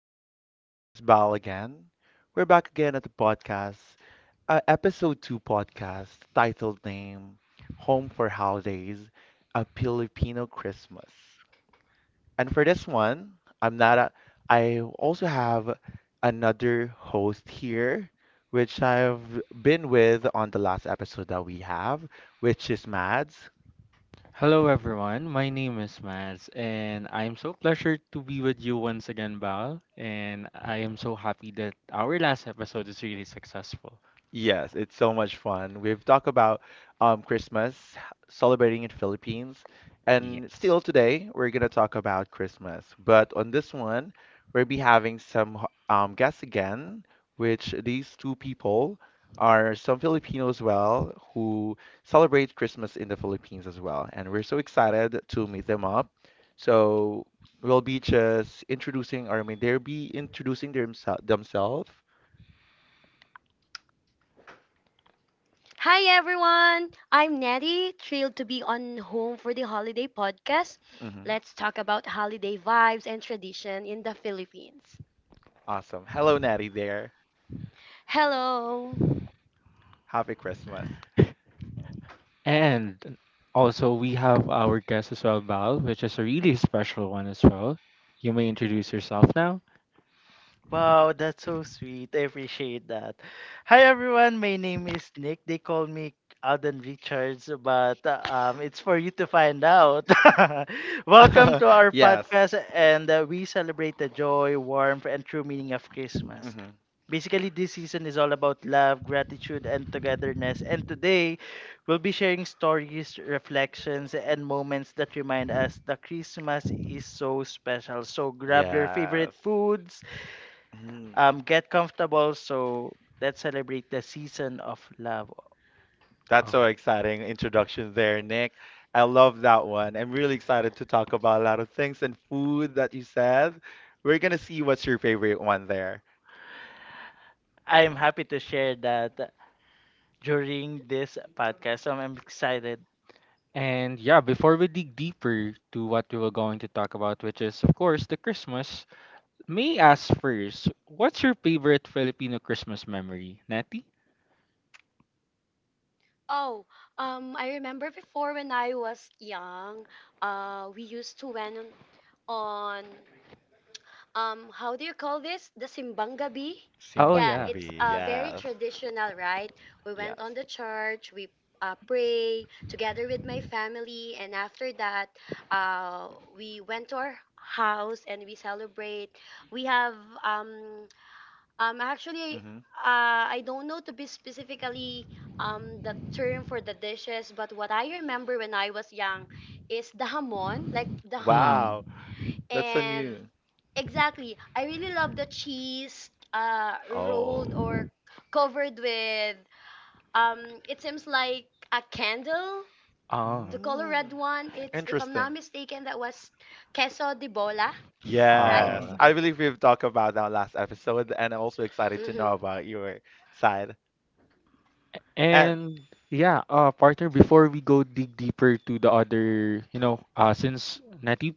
everyone. My name is Bal again. We're back again at the podcast, episode two podcast, titled name Home for Holidays, a Filipino Christmas. And for this one, I'm not a, I also have another host here, which I've been with on the last episode that we have, which is Mads. Hello everyone, my name is Maz and I am so pleasured to be with you once again, Val, and I am so happy that our last episode is really successful. Yes, it's so much fun. We've talked about Christmas, celebrating in Philippines, and Yes. still today we're gonna talk about Christmas. But on this one, we'll be having some guests again, which these two people are some Filipinos as well who celebrate Christmas in the Philippines as well, and we're so excited to meet them up. So we'll be just introducing, or I mean, they'll be introducing themselves. Hi everyone, I'm Nettie, thrilled to be on Home for the Holiday podcast. Mm-hmm. Let's talk about holiday vibes and tradition in the Philippines. Awesome. Hello, Natty there. Hello. Happy Christmas. And also we have our guest as well, Val, which is a really special one as well. You may introduce yourself now. Wow, that's so sweet. I appreciate that. Hi everyone, my name is Nick. They call me Alden Richards, but it's for you to find out. Welcome to our Yes. podcast, and we celebrate the joy, warmth, and true meaning of Christmas. Hmm. Basically, this season is all about love, gratitude, and togetherness. And today, we'll be sharing stories, reflections, and moments that remind us that Christmas is so special. So grab your Yes. favorite foods. Mm. Get comfortable. So let's celebrate the season of love. That's Oh. so exciting introduction there, Nick. I love that one. I'm really excited to talk about a lot of things and food that you said. We're gonna see what's your favorite one there. I'm happy to share that during this podcast. So I'm excited. And yeah, before we dig deeper to what we were going to talk about, which is of course the Christmas, May asks first, what's your favorite Filipino Christmas memory, Natty? Oh, I remember before when I was young, we used to went on how do you call this the simbang gabi. Oh Simban yeah yeah. it's Coffee, uh very yes. traditional, right? We went on Yes. the church, we pray together with my family, and after that uh we went to our house and we celebrate. We have um actually Hmm. I don't know to be specifically the term for the dishes, but what I remember when I was young is the hamon, like the Mm. ham. Wow, that's a And new. exactly, I really love the cheese rolled Oh. or covered with it seems like a candle, Oh. the color red Mm. one. It's, if I'm Interesting. not mistaken, that was queso de bola, right? Yes, Ah. I believe we've talked about that last episode, and I'm also excited to know Mm-hmm. about your side. And. And yeah, partner, before we go dig deeper to the other, you know, since Natty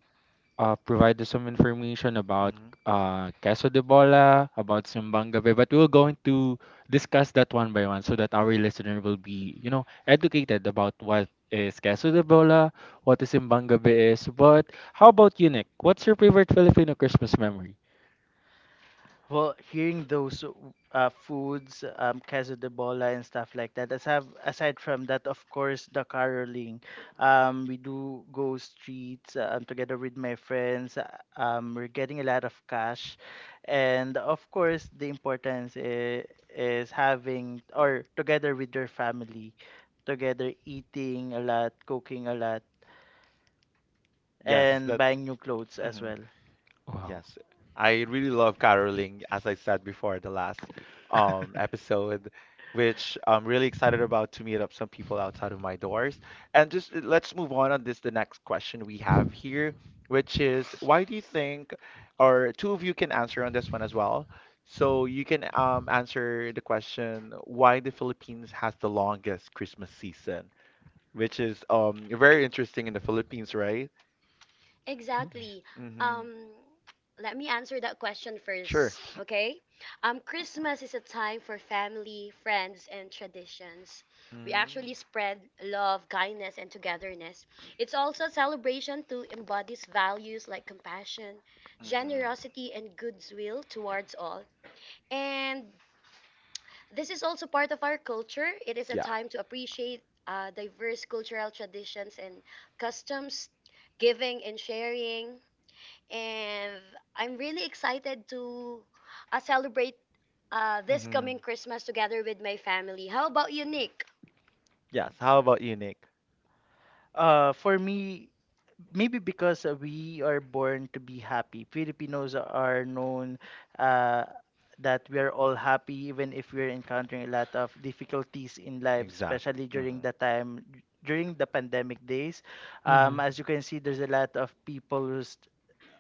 provided some information about Mhm. Queso de Bola, about Simbang Gabi, but we're going to discuss that one by one so that our listener will be, you know, educated about what is Queso de Bola, what is Simbang Gabi is. But how about you, Nick? What's your favorite Filipino Christmas memory? Well, hearing those foods, queso de bola and stuff like that. As have, aside from that, of course, the caroling. We do go streets together with my friends. We're getting a lot of cash, and of course, the importance is having or together with your family, together eating a lot, cooking a lot, Yes, and that's. buying new clothes as Mhm. well. Wow. Yes, I really love caroling, as I said before, the last episode, which I'm really excited about to meet up some people outside of my doors. And just let's move on this, the next question we have here, which is why do you think, or two of you can answer on this one as well. So you can answer the question why the Philippines has the longest Christmas season, which is very interesting in the Philippines, right? Yeah. Exactly. Mm-hmm. Um, Let me answer that question Sure. first, okay? Christmas is a time for family, friends, and traditions. We Mm. actually spread love, kindness, and togetherness. It's also a celebration to embodies values like compassion, Mhm. generosity, and goodwill towards all. And this is also part of our culture. It is a Yeah. time to appreciate diverse cultural traditions and customs, giving and sharing, and I'm really excited to celebrate this Mhm. coming Christmas together with my family. How about you, Nick? Yes. How about you, Nick? For me, maybe because we are born to be happy. Filipinos are known uh, that we are all happy, even if we're encountering a lot of difficulties in life, Exactly. especially Hmm. during the time during the pandemic days. Hmm. As you can see, there's a lot of people who's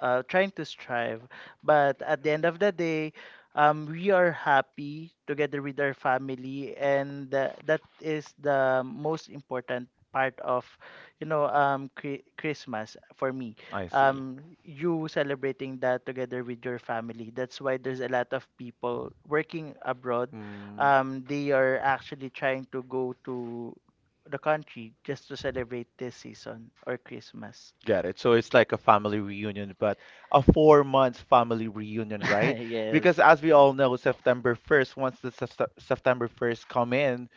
trying to strive. But at the end of the day, we are happy together with our family, and that is the most important part of, you know, Christmas for me. I see. You celebrating that together with your family. That's why there's a lot of people working abroad. Mm. They are actually trying to go to the country just to celebrate this season or Christmas. Got it. So it's like a family reunion, but a 4-month family reunion, right? Yes. Because as we all know, September 1st, once the September 1st come in,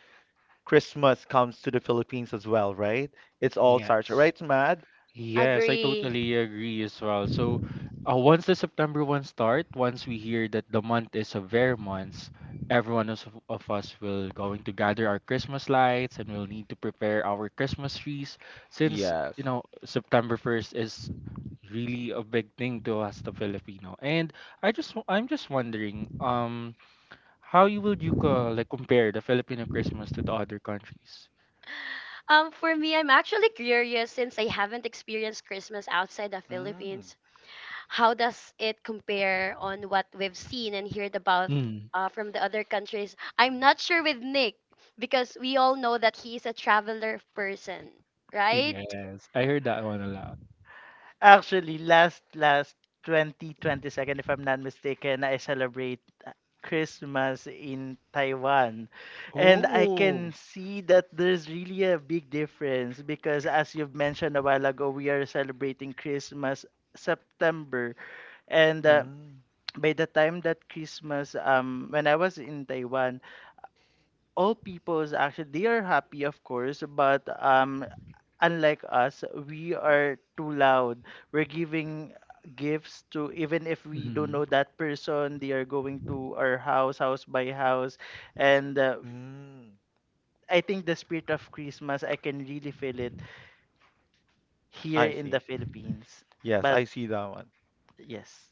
Christmas comes to the Philippines as well, right? It's all starts, Yes. right, Mad? Yes, I Agree. totally agree as well. So, once the September one start, once we hear that the month is a fair month, everyone of us will going to gather our Christmas lights and we'll need to prepare our Christmas trees since, you Yes. know, September 1st is really a big thing to us, the Filipino. And I just, I'm just wondering, how you would you like compare the Filipino Christmas to the other countries? For me, I'm actually curious since I haven't experienced Christmas outside the Mm. Philippines. How does it compare on what we've seen and heard about from the other countries? I'm not sure with Nick because we all know that he's a traveler person, right? Yes, I heard that one a lot. Actually, last 2022, if I'm not mistaken, I celebrate uh, Christmas in Taiwan. And I can Oh. see that there's really a big difference because, as you've mentioned a while ago, we are celebrating Christmas September. And Mm. by the time that Christmas, when I was in Taiwan, all peoples actually they are happy, of course, but um, unlike us, we are too loud. We're giving gifts to even if we don't Hmm. know that person. They are going to our house, house by house. And Mm. I think the spirit of Christmas, I can really feel it here I in the see. Philippines. Yes, But I see that one. yes,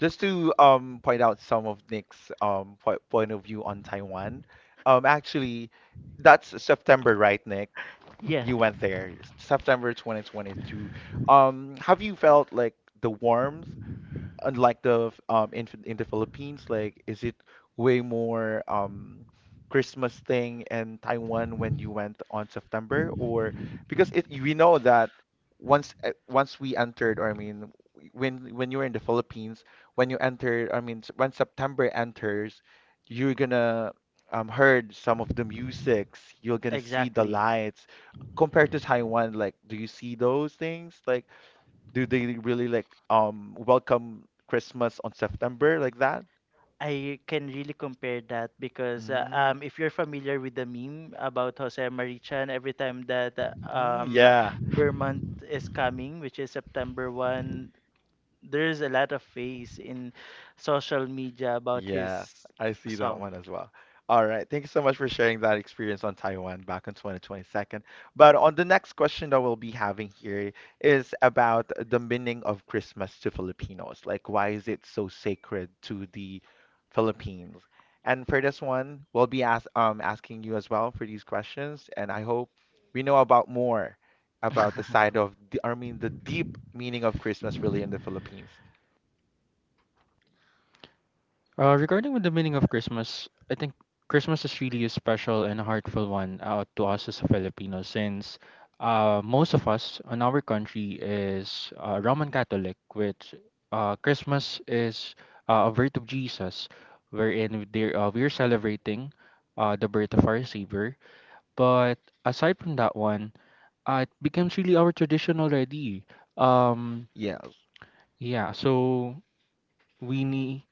Just to point out some of Nick's po point of view on Taiwan. Actually, that's September, right, Nick? yeah, You went there, September 2022. Have you felt like the warmth? Unlike the in the Philippines, like is it way more Christmas thing in Taiwan when you went on September, or because it we know that once once we entered, or I mean when you were in the Philippines, when you entered, I mean when September enters, you're gonna heard some of the musics, you're gonna see the exactly. lights compared to Taiwan, like do you see those things like? Do they really like welcome Christmas on September like that? I can really compare that because Mm, if you're familiar with the meme about Jose Marichan, every time that mm, yeah. Burr month is coming, which is September 1st, there's a lot of face in social media about Yes, his I see that song. one as well. All right, thank you so much for sharing that experience on Taiwan back in 2022. But on the next question that we'll be having here is about the meaning of Christmas to Filipinos. Like, why is it so sacred to the Philippines? And for this one, we'll be asking you as well for these questions, and I hope we know about more about the side of the, I mean, the deep meaning of Christmas really in the Philippines. Regarding with the meaning of Christmas, I think Christmas is really a special and a heartful one to us as a Filipino, since most of us in our country is Roman Catholic, which Christmas is a birth of Jesus, wherein they we're celebrating the birth of our Savior. But aside from that one, it becomes really our tradition already. Um, Yes. yeah, so we need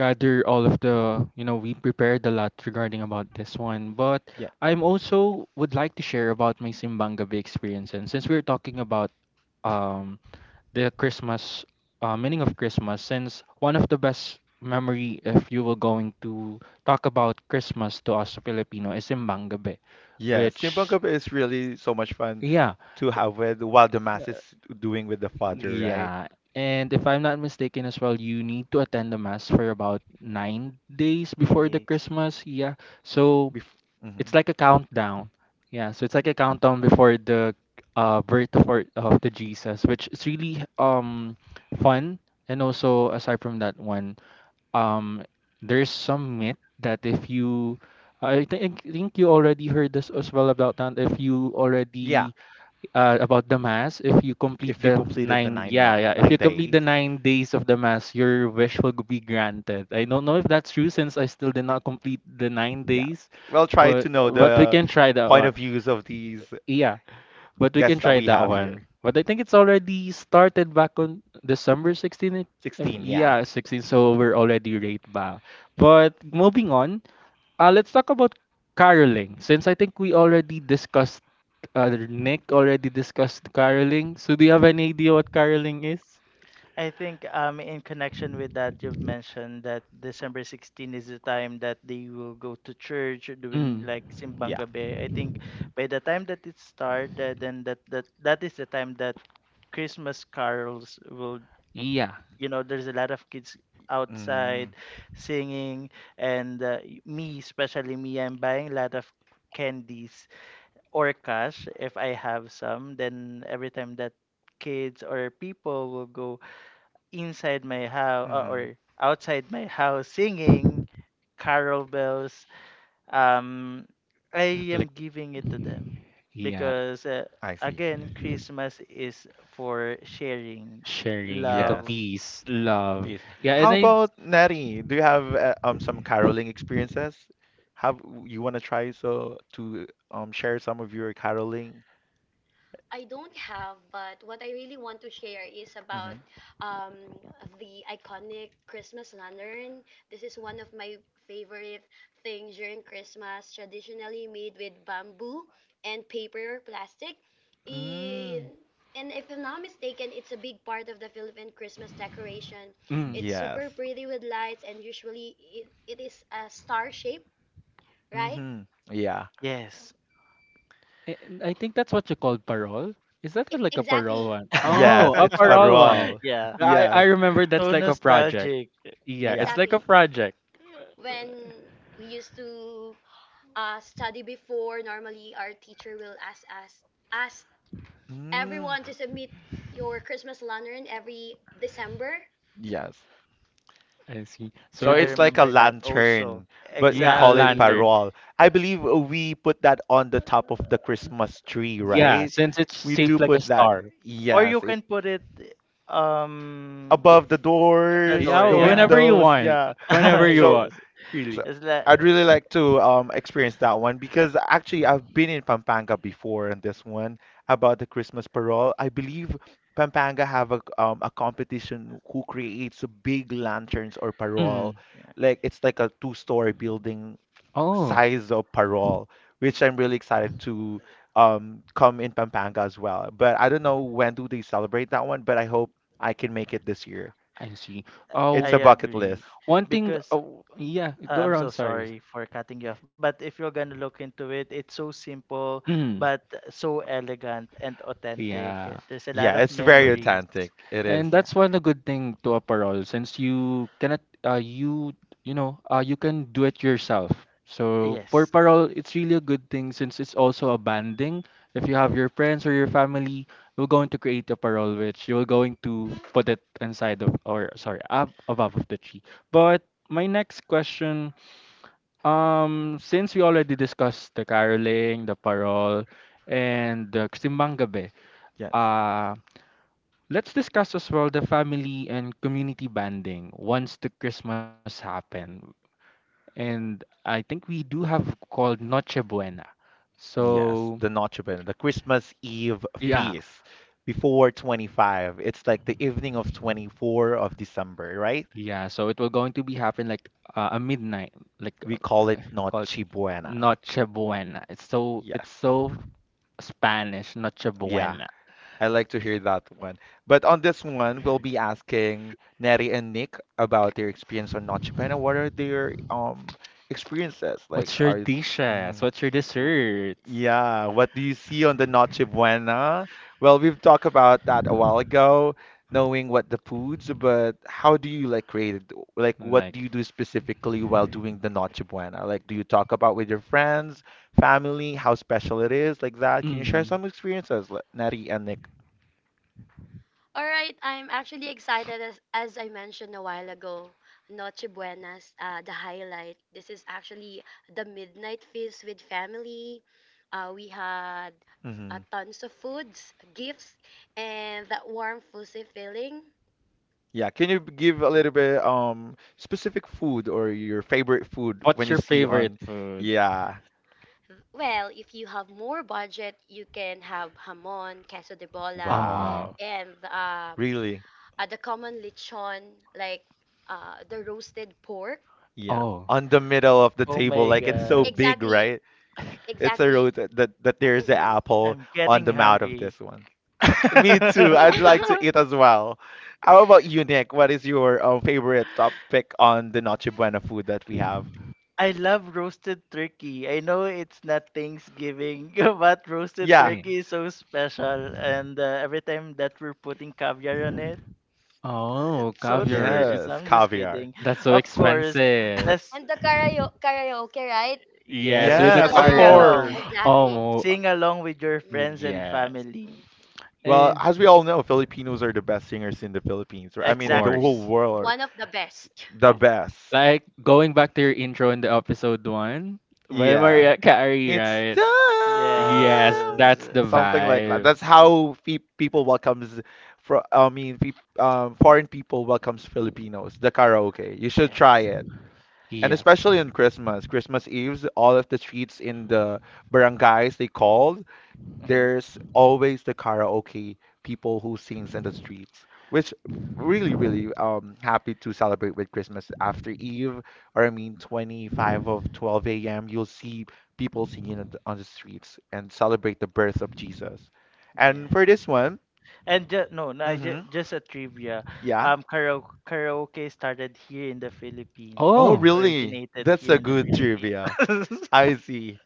gather all of the, you know, we prepared a lot regarding about this one. But I'm also would like to share about my simbang gabi experience. And since we're talking about um the Christmas, meaning of Christmas, since one of the best memory if you were going to talk about Christmas to us Filipino is simbang gabi Yeah, Simpang which Cup is really so much fun yeah to have with while the mass is doing with the father, right? yeah. And if I'm not mistaken as well, you need to attend the mass for about 9 days Nine before the Days. Christmas. Yeah. So Bef it's Mhm. like a countdown. Yeah. So it's like a countdown before the birth of, our, of the Jesus, which is really fun. And also aside from that one, um, there's some myth that if you, I think you already heard this as well about that. If you. Yeah. Yeah, Already, about the mass, if you complete if you the completed the nine yeah yeah if nine you complete the days. 9 days of the mass your wish will be granted. I don't know if that's true since I still did not complete the nine Yeah, days we'll try But to know we the can try that point one. of views of these Yeah. But we can guests that try we that have one. here. But I think it's already started back on December 16 16, yeah. yeah, 16. So we're already right back. But moving on, let's talk about caroling since I think we already discussed Nick already discussed caroling. So do you have any idea what caroling is? I think in connection with that, you've mentioned that December 16th is the time that they will go to church or doing Mm. like Simbang Yeah. Gabi. I think by the time that it started, then that is the time that Christmas carols will, Yeah. you know, there's a lot of kids Mm-hmm. outside singing, and me, especially me, I'm buying a lot of candies or cash if I have some. Then every time that kids or people will go inside my house Mm-hmm. or outside my house singing carol bells, um, I am Like giving it to them yeah, because. I see. Again, Christmas is for sharing. sharing like a Love. Yes. peace, love. Peace. Yeah, and How Yes. about Neri? Do you have some caroling experiences? Have you want to try so to share some of your caroling? I don't have, but what I really want to share is about Mm-hmm. um, the iconic Christmas lantern. This is one of my favorite things during Christmas, traditionally made with bamboo and paper or plastic. Mm, In, and if I'm not mistaken, it's a big part of the Philippine Christmas decoration. mm, It's yes. super pretty with lights, and usually it is a star shape, right? Mm-hmm. Yeah. Yes. I think that's what you call parole. Is that E- what, like a parole exactly. one? Yeah, Oh, Yes, a it's parole one. parol. Yeah. I Yes. remember that's So like a project. nostalgic. Yeah, Yeah. it's like a exactly, project. when we used to study before, normally our teacher will ask Mm, everyone to submit your Christmas lantern every December. yes. I see. So Yeah, So I it's that's like a remember that also. lantern, but we yeah, a call it lantern. Exactly. parol. I believe we put that on the top of the Christmas tree, Yeah, right? since it's We do shaped like a put that. star. Or you Yes, it can put it um above the the doors, door, the Yeah, yeah. whenever you windows. want, Yeah. whenever you So want, Yes. really. so It's like I'd really like to experience that one because actually I've been in Pampanga before, and this one about the Christmas parole, I believe Pampanga have a competition who creates big lanterns or parole. Mm. yeah, Like it's like a two-story building Oh, size of parole, which I'm really excited to come in Pampanga as well. But I don't know when do they celebrate that one, but I hope I can make it this year. I see. It's Oh, a I bucket agree. list. one thing. Because Oh, yeah. Go I'm around. so Sorry. sorry for cutting you off, but if you're gonna look into it, it's so simple Mm. but so elegant and authentic. Yeah. There's a lot Yeah, of it's very memories. authentic. It is. And Yeah. that's one a good thing to a parol since you cannot you, you know, you can do it yourself. So for Yes. parol, it's really a good thing since it's also a banding. If you have your friends or your family, you're going to create a parol which you're going to put it inside of or sorry up above of the tree. But my next question, since we already discussed the caroling, the parol, and the simbang gabi, Yes. uh, let's discuss as well the family and community bonding once the Christmas happen. And I think we do have called Noche Buena. Yes, So the Noche Buena, the Christmas Eve yeah, feast before 25. It's like the evening of 24 of December, right? yeah. So it will going to be happen like a midnight, like We call it called Noche Buena. Noche Buena. Yes. It's so Spanish, Noche Yeah, Buena. I like to hear that one. But on this one, we'll be asking Neri and Nick about their experience on Noche Buena. What are their experiences? Like, What's your are dishes? Mhm. What's your W- desserts? Yeah, what do you see on the Noche Buena? Well, we've talked about that a while ago, knowing what the foods, but how do you like create it? Like, what Like. do you do specifically while doing the Noche Buena? Like, do you talk about with your friends, family, how special it is, like that? Can you share Mm. some experiences, like Natty and Nick? All right, I'm actually excited as I mentioned a while ago. Noche Buenas, the highlight. This is actually the midnight feast with family. We had Hmm. tons of foods, gifts, and that warm, fuzzy feeling. Yeah, can you give a little bit specific food or your favorite food when What's you your see favorite on? food? Yeah, Well, if you have more budget, you can have hamon, queso de bola, Oh, wow, and really? The common lechon, like the roasted pork. Yeah, oh. on the middle of the Oh table, my like it's so god. big, Exactly. right? It's a Exactly. road that there's an hmm apple I'm on getting the mouth of hungry. this one. Me too. I'd like to eat as well. How about you, Nick? What is your favorite top pick on the Noche Buena food that we have? I love roasted turkey. I know it's not Thanksgiving, but roasted Yeah. Yeah. turkey is so special. And every time that we're putting caviar on it, Oh, it's so caviar. delicious. It's No, Yes, I'm just caviar. kidding. that's so Of course, expensive. that's And the karaoke, karaoke, right? The Yes, with yes. the sing Yes, of Sing car. along. Okay. course. along. Exactly. Oh, Sing along with your friends hmm and yes. family. Well, And as we all know, Filipinos are the best singers in the Philippines, right? I of mean, in the Exactly. whole course. world, are one of the best. the Of best. Like going back to your intro in the episode one, by Yeah. Maria Carey, It's right? Yes, time. yes, that's the Something like that. vibe. That's how fe people welcomes, for I mean, fe foreign people welcomes Filipinos. The karaoke. You should try yes, it. And Yes. especially on Christmas, Christmas Eve, all of the streets in the barangays they call, there's always the karaoke people who sings in the streets, which really, really happy to celebrate with Christmas after Eve, or I mean 25 of 12 a.m. You'll see people singing on the streets and celebrate the birth of Jesus. And for this yes. one, And no, no, mm-hmm, just a trivia. yeah. Karaoke started here in the Philippines. Oh, It Oh, really? originated That's here a in the good Philippines. trivia. I see.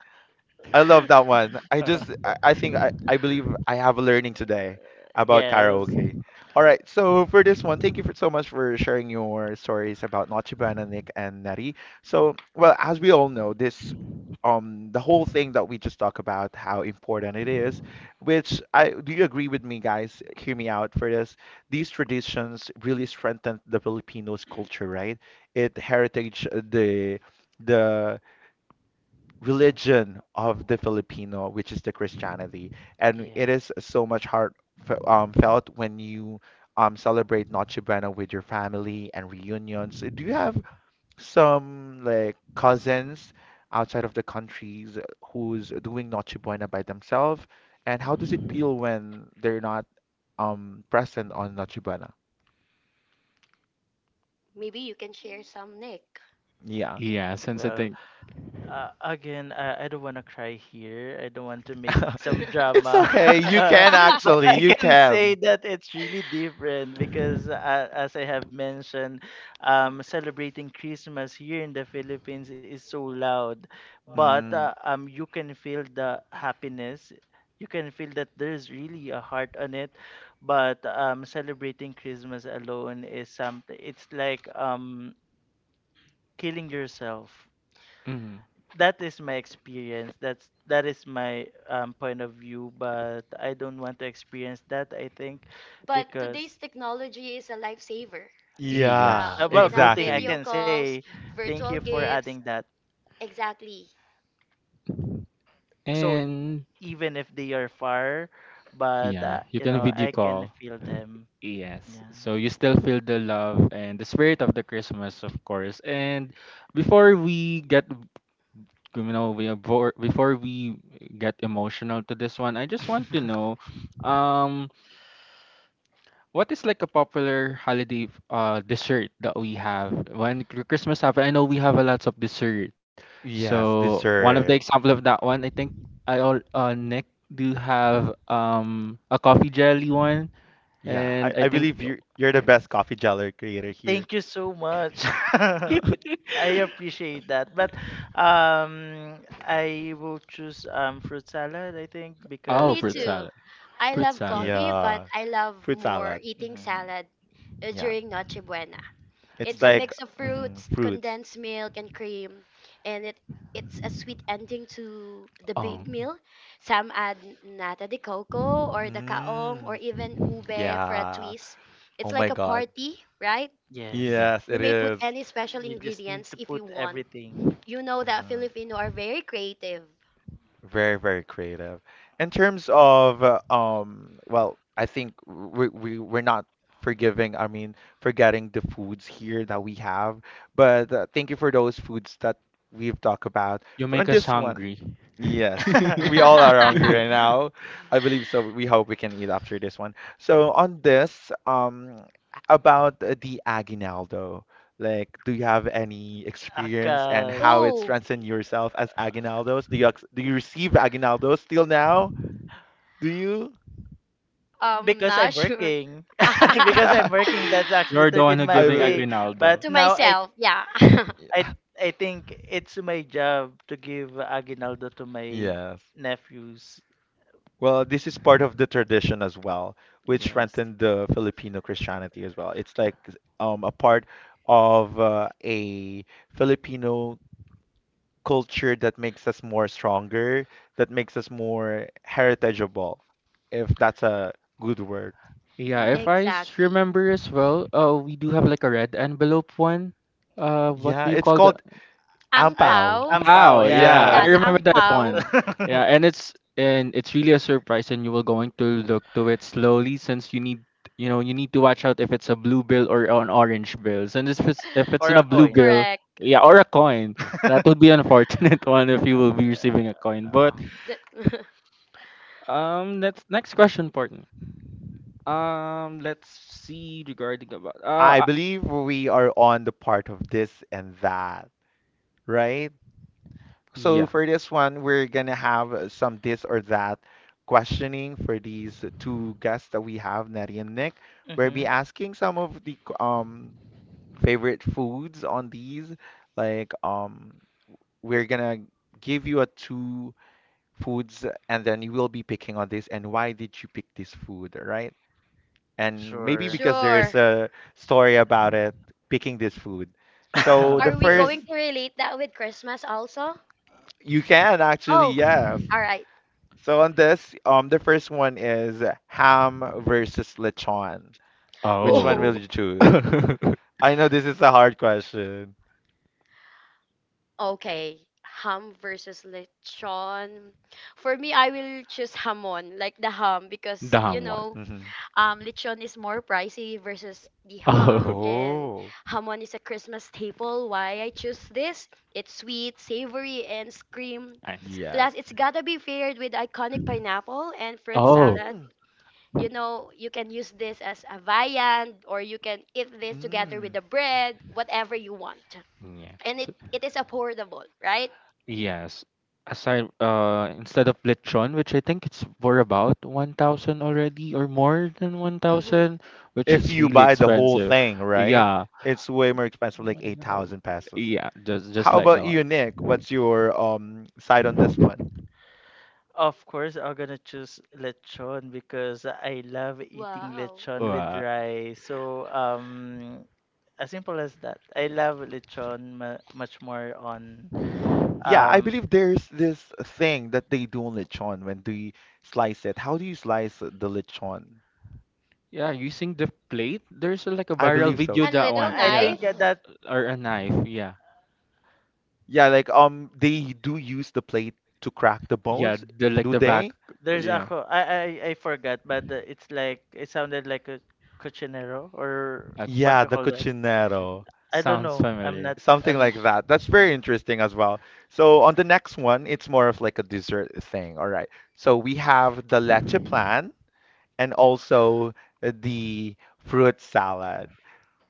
I love that one. I just I think I believe I have a learning today about Yes, karaoke. All right, so for this one, thank you for so much for sharing your stories about Noche Buena, Nick and Neri. So, well, as we all know, this the whole thing that we just talked about how important it is, which I do, you agree with me guys? Hear me out for this. These traditions really strengthen the Filipinos culture, right? It heritage, the religion of the Filipino, which is the Christianity, and it is yes. so much heart felt when you celebrate Noche Buena with your family and reunions. Do you have some like cousins outside of the countries who's doing Noche Buena by themselves, and how does it feel when they're not present on Noche Buena? Maybe you can share some, Nick. Yeah. yeah, since I Well, think. Again, I don't want to cry here. I don't want to make some It's drama. okay. You can But actually. I You can can. say that it's really different because, as I have mentioned, celebrating Christmas here in the Philippines is so loud. But Mm. You can feel the happiness. You can feel that there's really a heart on it. But celebrating Christmas alone is something, it's like killing yourself. Mm, That is my experience. That is my point of view, but I don't want to experience that. I think but because today's technology is a lifesaver. We can Yeah, yes. we well, can have good thing I exactly. video can say calls, thank you virtual for adding gifts. that. Exactly. So And even if they are far, but yeah, you you can know video I can call. feel them. Yes. So you still feel the love and the spirit of the Christmas, of course. And before we get, you know, we before we get emotional to this one, I just Yeah. want to know, um, what is like a popular holiday dessert that we have when Christmas happen? I know we have a lots of dessert. Yes, So one of the dessert. example of that one, I think I all Nick do have a coffee jelly one, Yeah, I, and I I believe think you're the best coffee jeller creator here. Thank you so much. I appreciate that. But I will choose fruit salad, I think, Me oh because fruit too. salad, I fruit love salad. coffee, but Yeah, I love fruit more salad. eating mhm. salad Yeah, during Noche Buena. it's It's a like mix Yes. of mhm, fruits, fruits. condensed milk, and cream, and it's a sweet ending to the Oh big meal. Some add nata de coco or the kaong Mm, or even ube for a yeah. twist. Oh It's my like a God. party, right? Yes. yes, Yes, You it may put is. any special You just need ingredients to if you put want. everything. You know that Mhm. Filipino are very creative. Very, very creative. In terms of well, I think we're not forgiving, I mean, forgetting the foods here that we have. But thank you for those foods that we've talked about. you For on make us this one, hungry. yes, we all are hungry right now. I believe so. We hope we can eat after this one. So on this, about the aguinaldo, like, do you have any experience and Akash. how it Oh, strengthened yourself as aguinaldos? Do you do you receive aguinaldos still now? Do you? Because I'm Not sure. working. because I'm working, that's actually You're the one 13th who month I giving pay. believe. But aguinaldo. to now I myself. Yeah. I Yeah. I think it's my job to give aguinaldo to my Yes. nephews. Well, this is part of the tradition as well, which Yes. strengthened the Filipino Christianity as well. It's like a part of a Filipino culture that makes us more stronger, that makes us more heritageable, if that's a good word. Yeah, if Yeah. I exactly. remember as well, we do have like a red envelope one. What Yeah, do you it's call the called Ang I pao. ampao. Wow, ampao, yeah. yeah, I Yeah, Yes. the ang remember that pao. one. Yeah, and it's really a surprise, and you will going to look to it slowly since you need, you know, you need to watch out if it's a blue bill or an orange bill. And if it's Or in a a blue coin. bill, correct. yeah, or a coin, that would be unfortunate one if you will be receiving a coin. But The- next question, partner. Let's see regarding about I believe we are on the part of this and that, right? So Yeah. for this one, we're gonna have some this or that questioning for these two guests that we have, Nettie and Nick. We'll Mm-hmm. be asking some of the favorite foods on these. Like um, we're gonna give you a two foods, and then you will be picking on this and why did you pick this food, right? And maybe Sure. because there's Sure. a story about it, picking this food. So the Are we Okay. first. going to relate that with Christmas also? You can actually, Oh. yes. All right. So on this, the first one is ham versus lechon. Which one will Oh. Oh. you choose? the I know this is a hard question. Okay, ham versus lechon. For me, I will choose hamon, like the ham, because you ham one. know, Hmm. Lechon is more pricey versus the ham, Oh, and Oh, hamon is a Christmas staple. Why I choose this? It's sweet, savory, and scream. nice. yes. Plus, it's gotta be paired with iconic pineapple and fruit Oh, salad. Mm, You know, you can use this as a viand, or you can eat this together with mm. the bread, whatever you want, yeah. and it So, it is affordable, right? yes. Aside, instead of lechon, which I think it's for about 1,000 already or more than hmm 1,000, which If is you really buy the whole expensive. thing, right? Yeah. It's way more expensive, like uh, 8,000 pesos. Yeah, just How like about that you, Nick? one. What's your side on this one? Of course, I'm gonna choose lechon because I love eating Wow. lechon with Wow. rice. So, as simple as that. I love lechon much more on Yeah, I um believe there's this thing that they do on lechon when they slice it. How do you slice the lechon? Yeah, using the plate. There's like a I viral believe so. video And that little one. I I Yeah, knife. think that or a knife. Yeah. Yeah, like they do use the plate to crack the Yeah, bones, the like do the they? back. there's a Yeah. co- I forgot, but it's like it sounded like a cochinero or Uh, what Yeah, you the call that. cochinero. I don't sounds know. I'm not. familiar. Something I'm. like that. That's very interesting as well. So on the next one, it's more of like a dessert thing. All right. So we have the leche plan and also the fruit salad.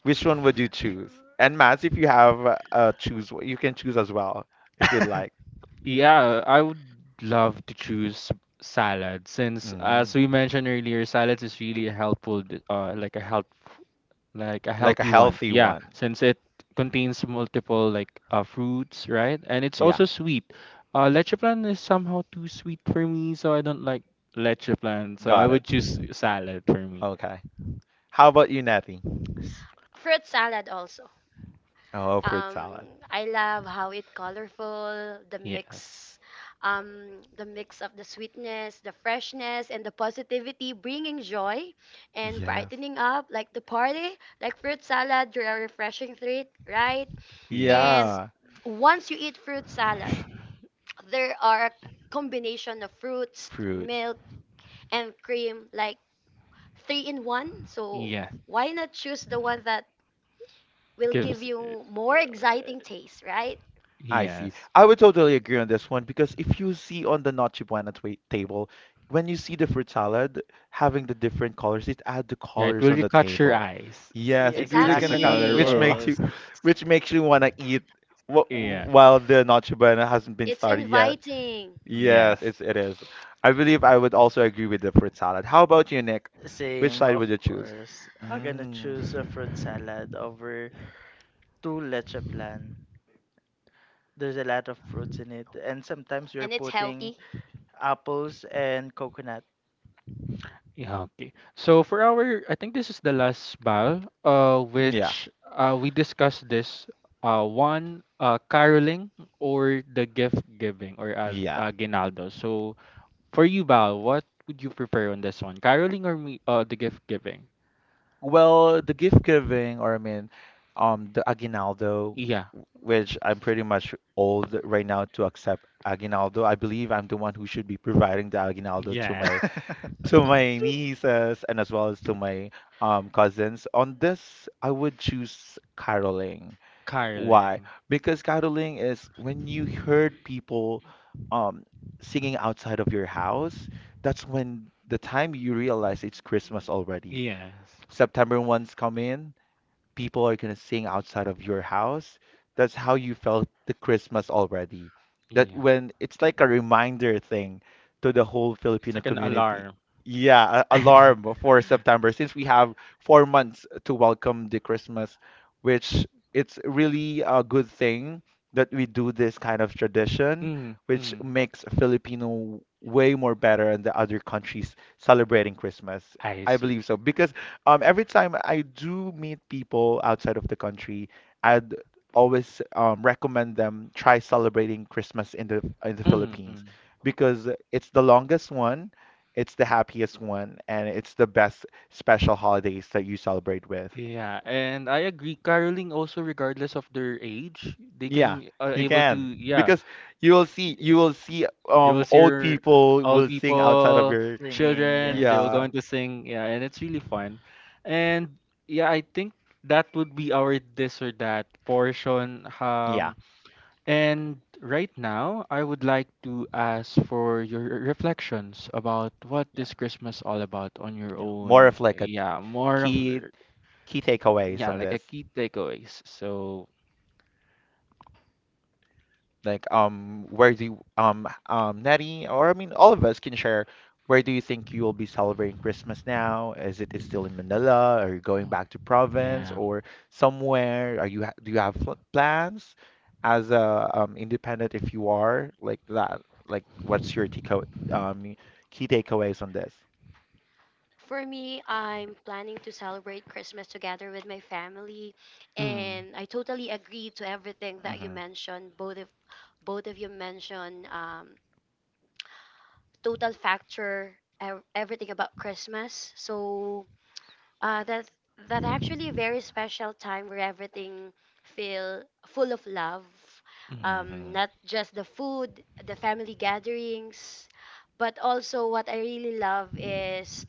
Which one would you choose? And Mads, if you have choose, you can choose as well if you'd like. Yeah, I would love to choose salad since, Mm, as we mentioned earlier, salads is really helpful, like a help like a like a healthy one. healthy Yeah, one. since it contains multiple like fruits, right? And it's Yeah, also sweet. Leche plan is somehow too sweet for me, so I don't like leche plan. So I got it. would choose salad for me. Okay. How about you, Natty? S- Fruit salad also. Oh, fruit Um, salad. I love how it colorful, Yes, the mix of the sweetness, the freshness, and the positivity, bringing joy and Yes. brightening up like the party, like fruit salad. You're a refreshing treat, right? And yes, Yeah, once you eat fruit salad, there are a combination of fruits, fruits. milk, and cream, like three in one. So yeah. why not choose the one that will give Gives you more exciting taste, right? I see. yes, I would totally agree on this one because if you see on the Noche Buena table, when you see the fruit salad having the different colors, it adds the yeah. It colors on will the catch your table. eyes. Eh, Yes, Yeah, it really since it's a gonna catch, exactly. Exactly. color. Yes. which makes you wanna eat wh Yeah. while the Noche Buena hasn't been It's started yet. inviting Yes, Yes. it is. I believe I would also agree with the fruit salad. How about you, Nick? Which Same, side of would you choose? course. I'm gonna Mm, choose a fruit salad over two leche plan. There's a lot of fruits in it, and sometimes you're and it's putting healthy. apples and coconut. Yeah, okay. So for our, I think this is the last ball, yeah, which we discussed this one caroling or the gift giving or yeah. aguinaldo. So for you, Bal, what would you prefer on this one, caroling or me, the gift giving? Well, the gift giving, or I mean, the aguinaldo, Yeah, which I'm pretty much old right now to accept aguinaldo. I believe I'm the one who should be providing the aguinaldo yes, to my nieces and as well as to my cousins. On this, I would choose caroling. Why? caroling. Because caroling is when you heard people um singing outside of your house, that's when the time you realize it's Christmas already. Yes, September ones come in, people are gonna sing outside of your house. That's how you felt the Christmas already. That yeah. when it's like a reminder thing to the whole Filipino Second community. alarm. Yeah, alarm for September since we have 4 months to welcome the Christmas, which it's really a good thing that we do this kind of tradition, Mm, which mm. makes Filipino way more better than the other countries celebrating Christmas. I I see. believe so because every time I do meet people outside of the country, I'd always recommend them try celebrating Christmas in the Mm, Philippines mm. because it's the longest one, it's the happiest one, and it's the best special holidays that you celebrate with. Yeah, and I agree. Caroling also, regardless of their age, they Yeah, can are you able to can yeah. because you will see y- you s- will see You will see old your people old will sing outside of people, your Singing, children. They will yes. yeah going to sing. Yeah, and it's really fun. And yeah, I think that would be our this or that portion. yeah And right now, I would like to ask for your reflections about what yeah this Christmas all about on your yeah more own. of like a Yeah, more of key a- key takeaways yeah, on like a this? key takeaways. So. Like, where do you, Nettie, or I mean, all of us can share. Where do you think you will be celebrating Christmas now? Is it it's still in Manila? Are you going Mm. back to province Yeah, or somewhere? Are you do you have plans as a independent if you are like that? Like, what's your takeaway, um, key takeaways on this? For me, I'm planning to celebrate Christmas together with my family, mm, and I totally agree to everything that you Mm-hmm. mentioned. Both of you mentioned total factor everything about Christmas. So Uh, that's that actually a very special time where everything feel full of love. mm, Mm-hmm. Not just the food, the family gatherings, but also what I really love is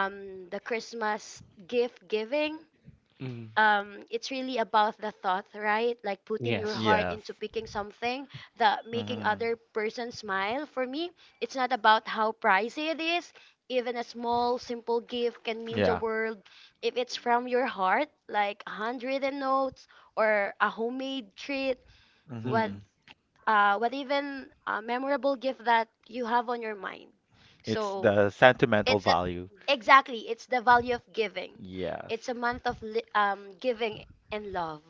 the Christmas gift giving. mm, It's really about the thought, right? Like putting your yes, heart Yes. into picking something that making Mm-hmm. other person smile. For me, it's not about how pricey it is. Even a small simple gift can mean the Yeah. world if it's from your heart, like a hundred and notes or a homemade treat. what mm, Mm-hmm. uh what even a memorable gift that you have on your mind? It's So the sentimental it's, value. exactly, it's the value of giving. Yes. It's a month of giving and love.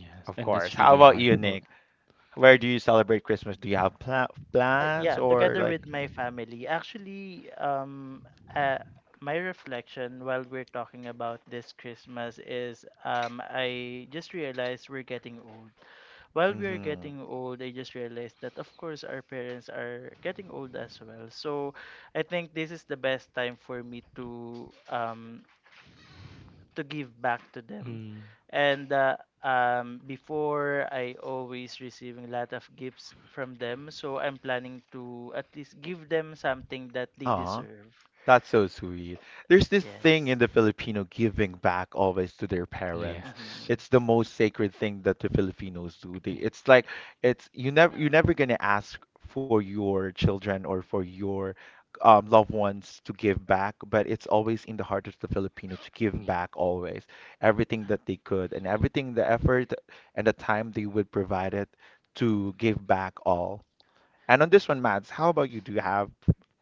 yes, Of and that's course. How really about hard. you, Nick? Where do you celebrate Christmas? Do you have plans Yeah, or together like? with my family. Actually, uh, my reflection while we're talking about this Christmas is I just realized we're getting old. While we're Mm-hmm. getting old, I just realized that, of course, our parents are getting old as well. So I think this is the best time for me to give back to them. Mm. And before, I always receiving a lot of gifts from them. So I'm planning to at least give them something that they deserve. That's so sweet. There's this thing Yes. in the Filipino giving back always to their parents. Yes. Hmm. It's the most sacred thing that the Filipinos do. They, it's like it's you never you're never gonna ask for your children or for your loved ones to give back, but it's always in the heart of the Filipino to give Yeah. back always everything that they could and everything the effort and the time they would provide it to give back all. And on this one, Mads, how about you? Do you have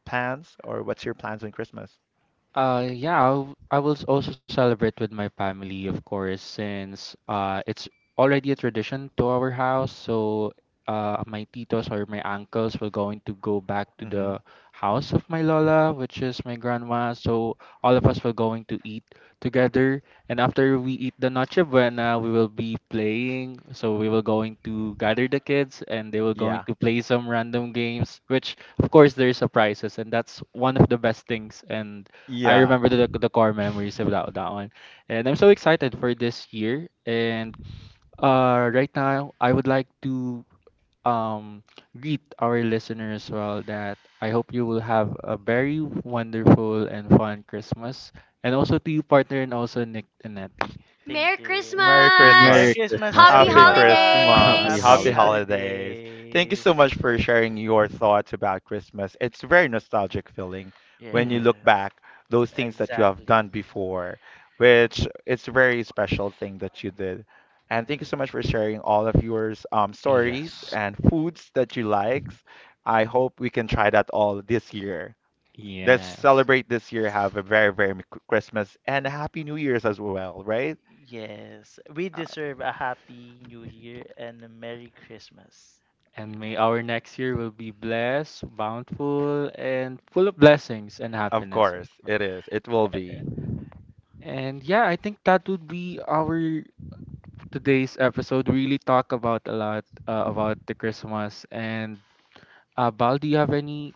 plans or what's your plans on Christmas? Yeah, also celebrate with my family, of course, since it's already a tradition to our house. So my titos or my uncles will going to go back to Hmm. the house of my lola, which is my grandma. So all of us will going to eat together, and after we eat the noche buena, we will be playing. So we will going to gather the kids, and they will going Yeah. to play some random games, which of course there's surprises, and that's one of the best things and I Yeah. remember the core memories about that one, and I'm so excited for this year. And right now, I would like to um greet our listeners as well that I hope you will have a very wonderful and fun Christmas, and also to you partner and also Nick and Natty. Merry Thank you. Merry Merry Christmas. Christmas! Christmas, Happy Happy everyone. Christmas. Happy holidays! Happy holidays. Thank you holidays. so much for sharing your thoughts about Christmas. It's a very nostalgic feeling when you Mhm. look Yes, back those things that you have done exactly. before, which it's a very special thing that you did. And thank you so much for sharing all of your stories Yes. and foods that you like. I hope we can try that all this year. Let's Yes. celebrate this year, have a very, very Merry Christmas and a Happy New Year's as well, right? Yes, we deserve a happy new year and a merry Christmas. And may our next year will be blessed, bountiful, and full of blessings and Of happiness. course, it is. It will be. And yeah, I think that would be our today's episode. We really talk about a lot about the Christmas. And Bal, do you have any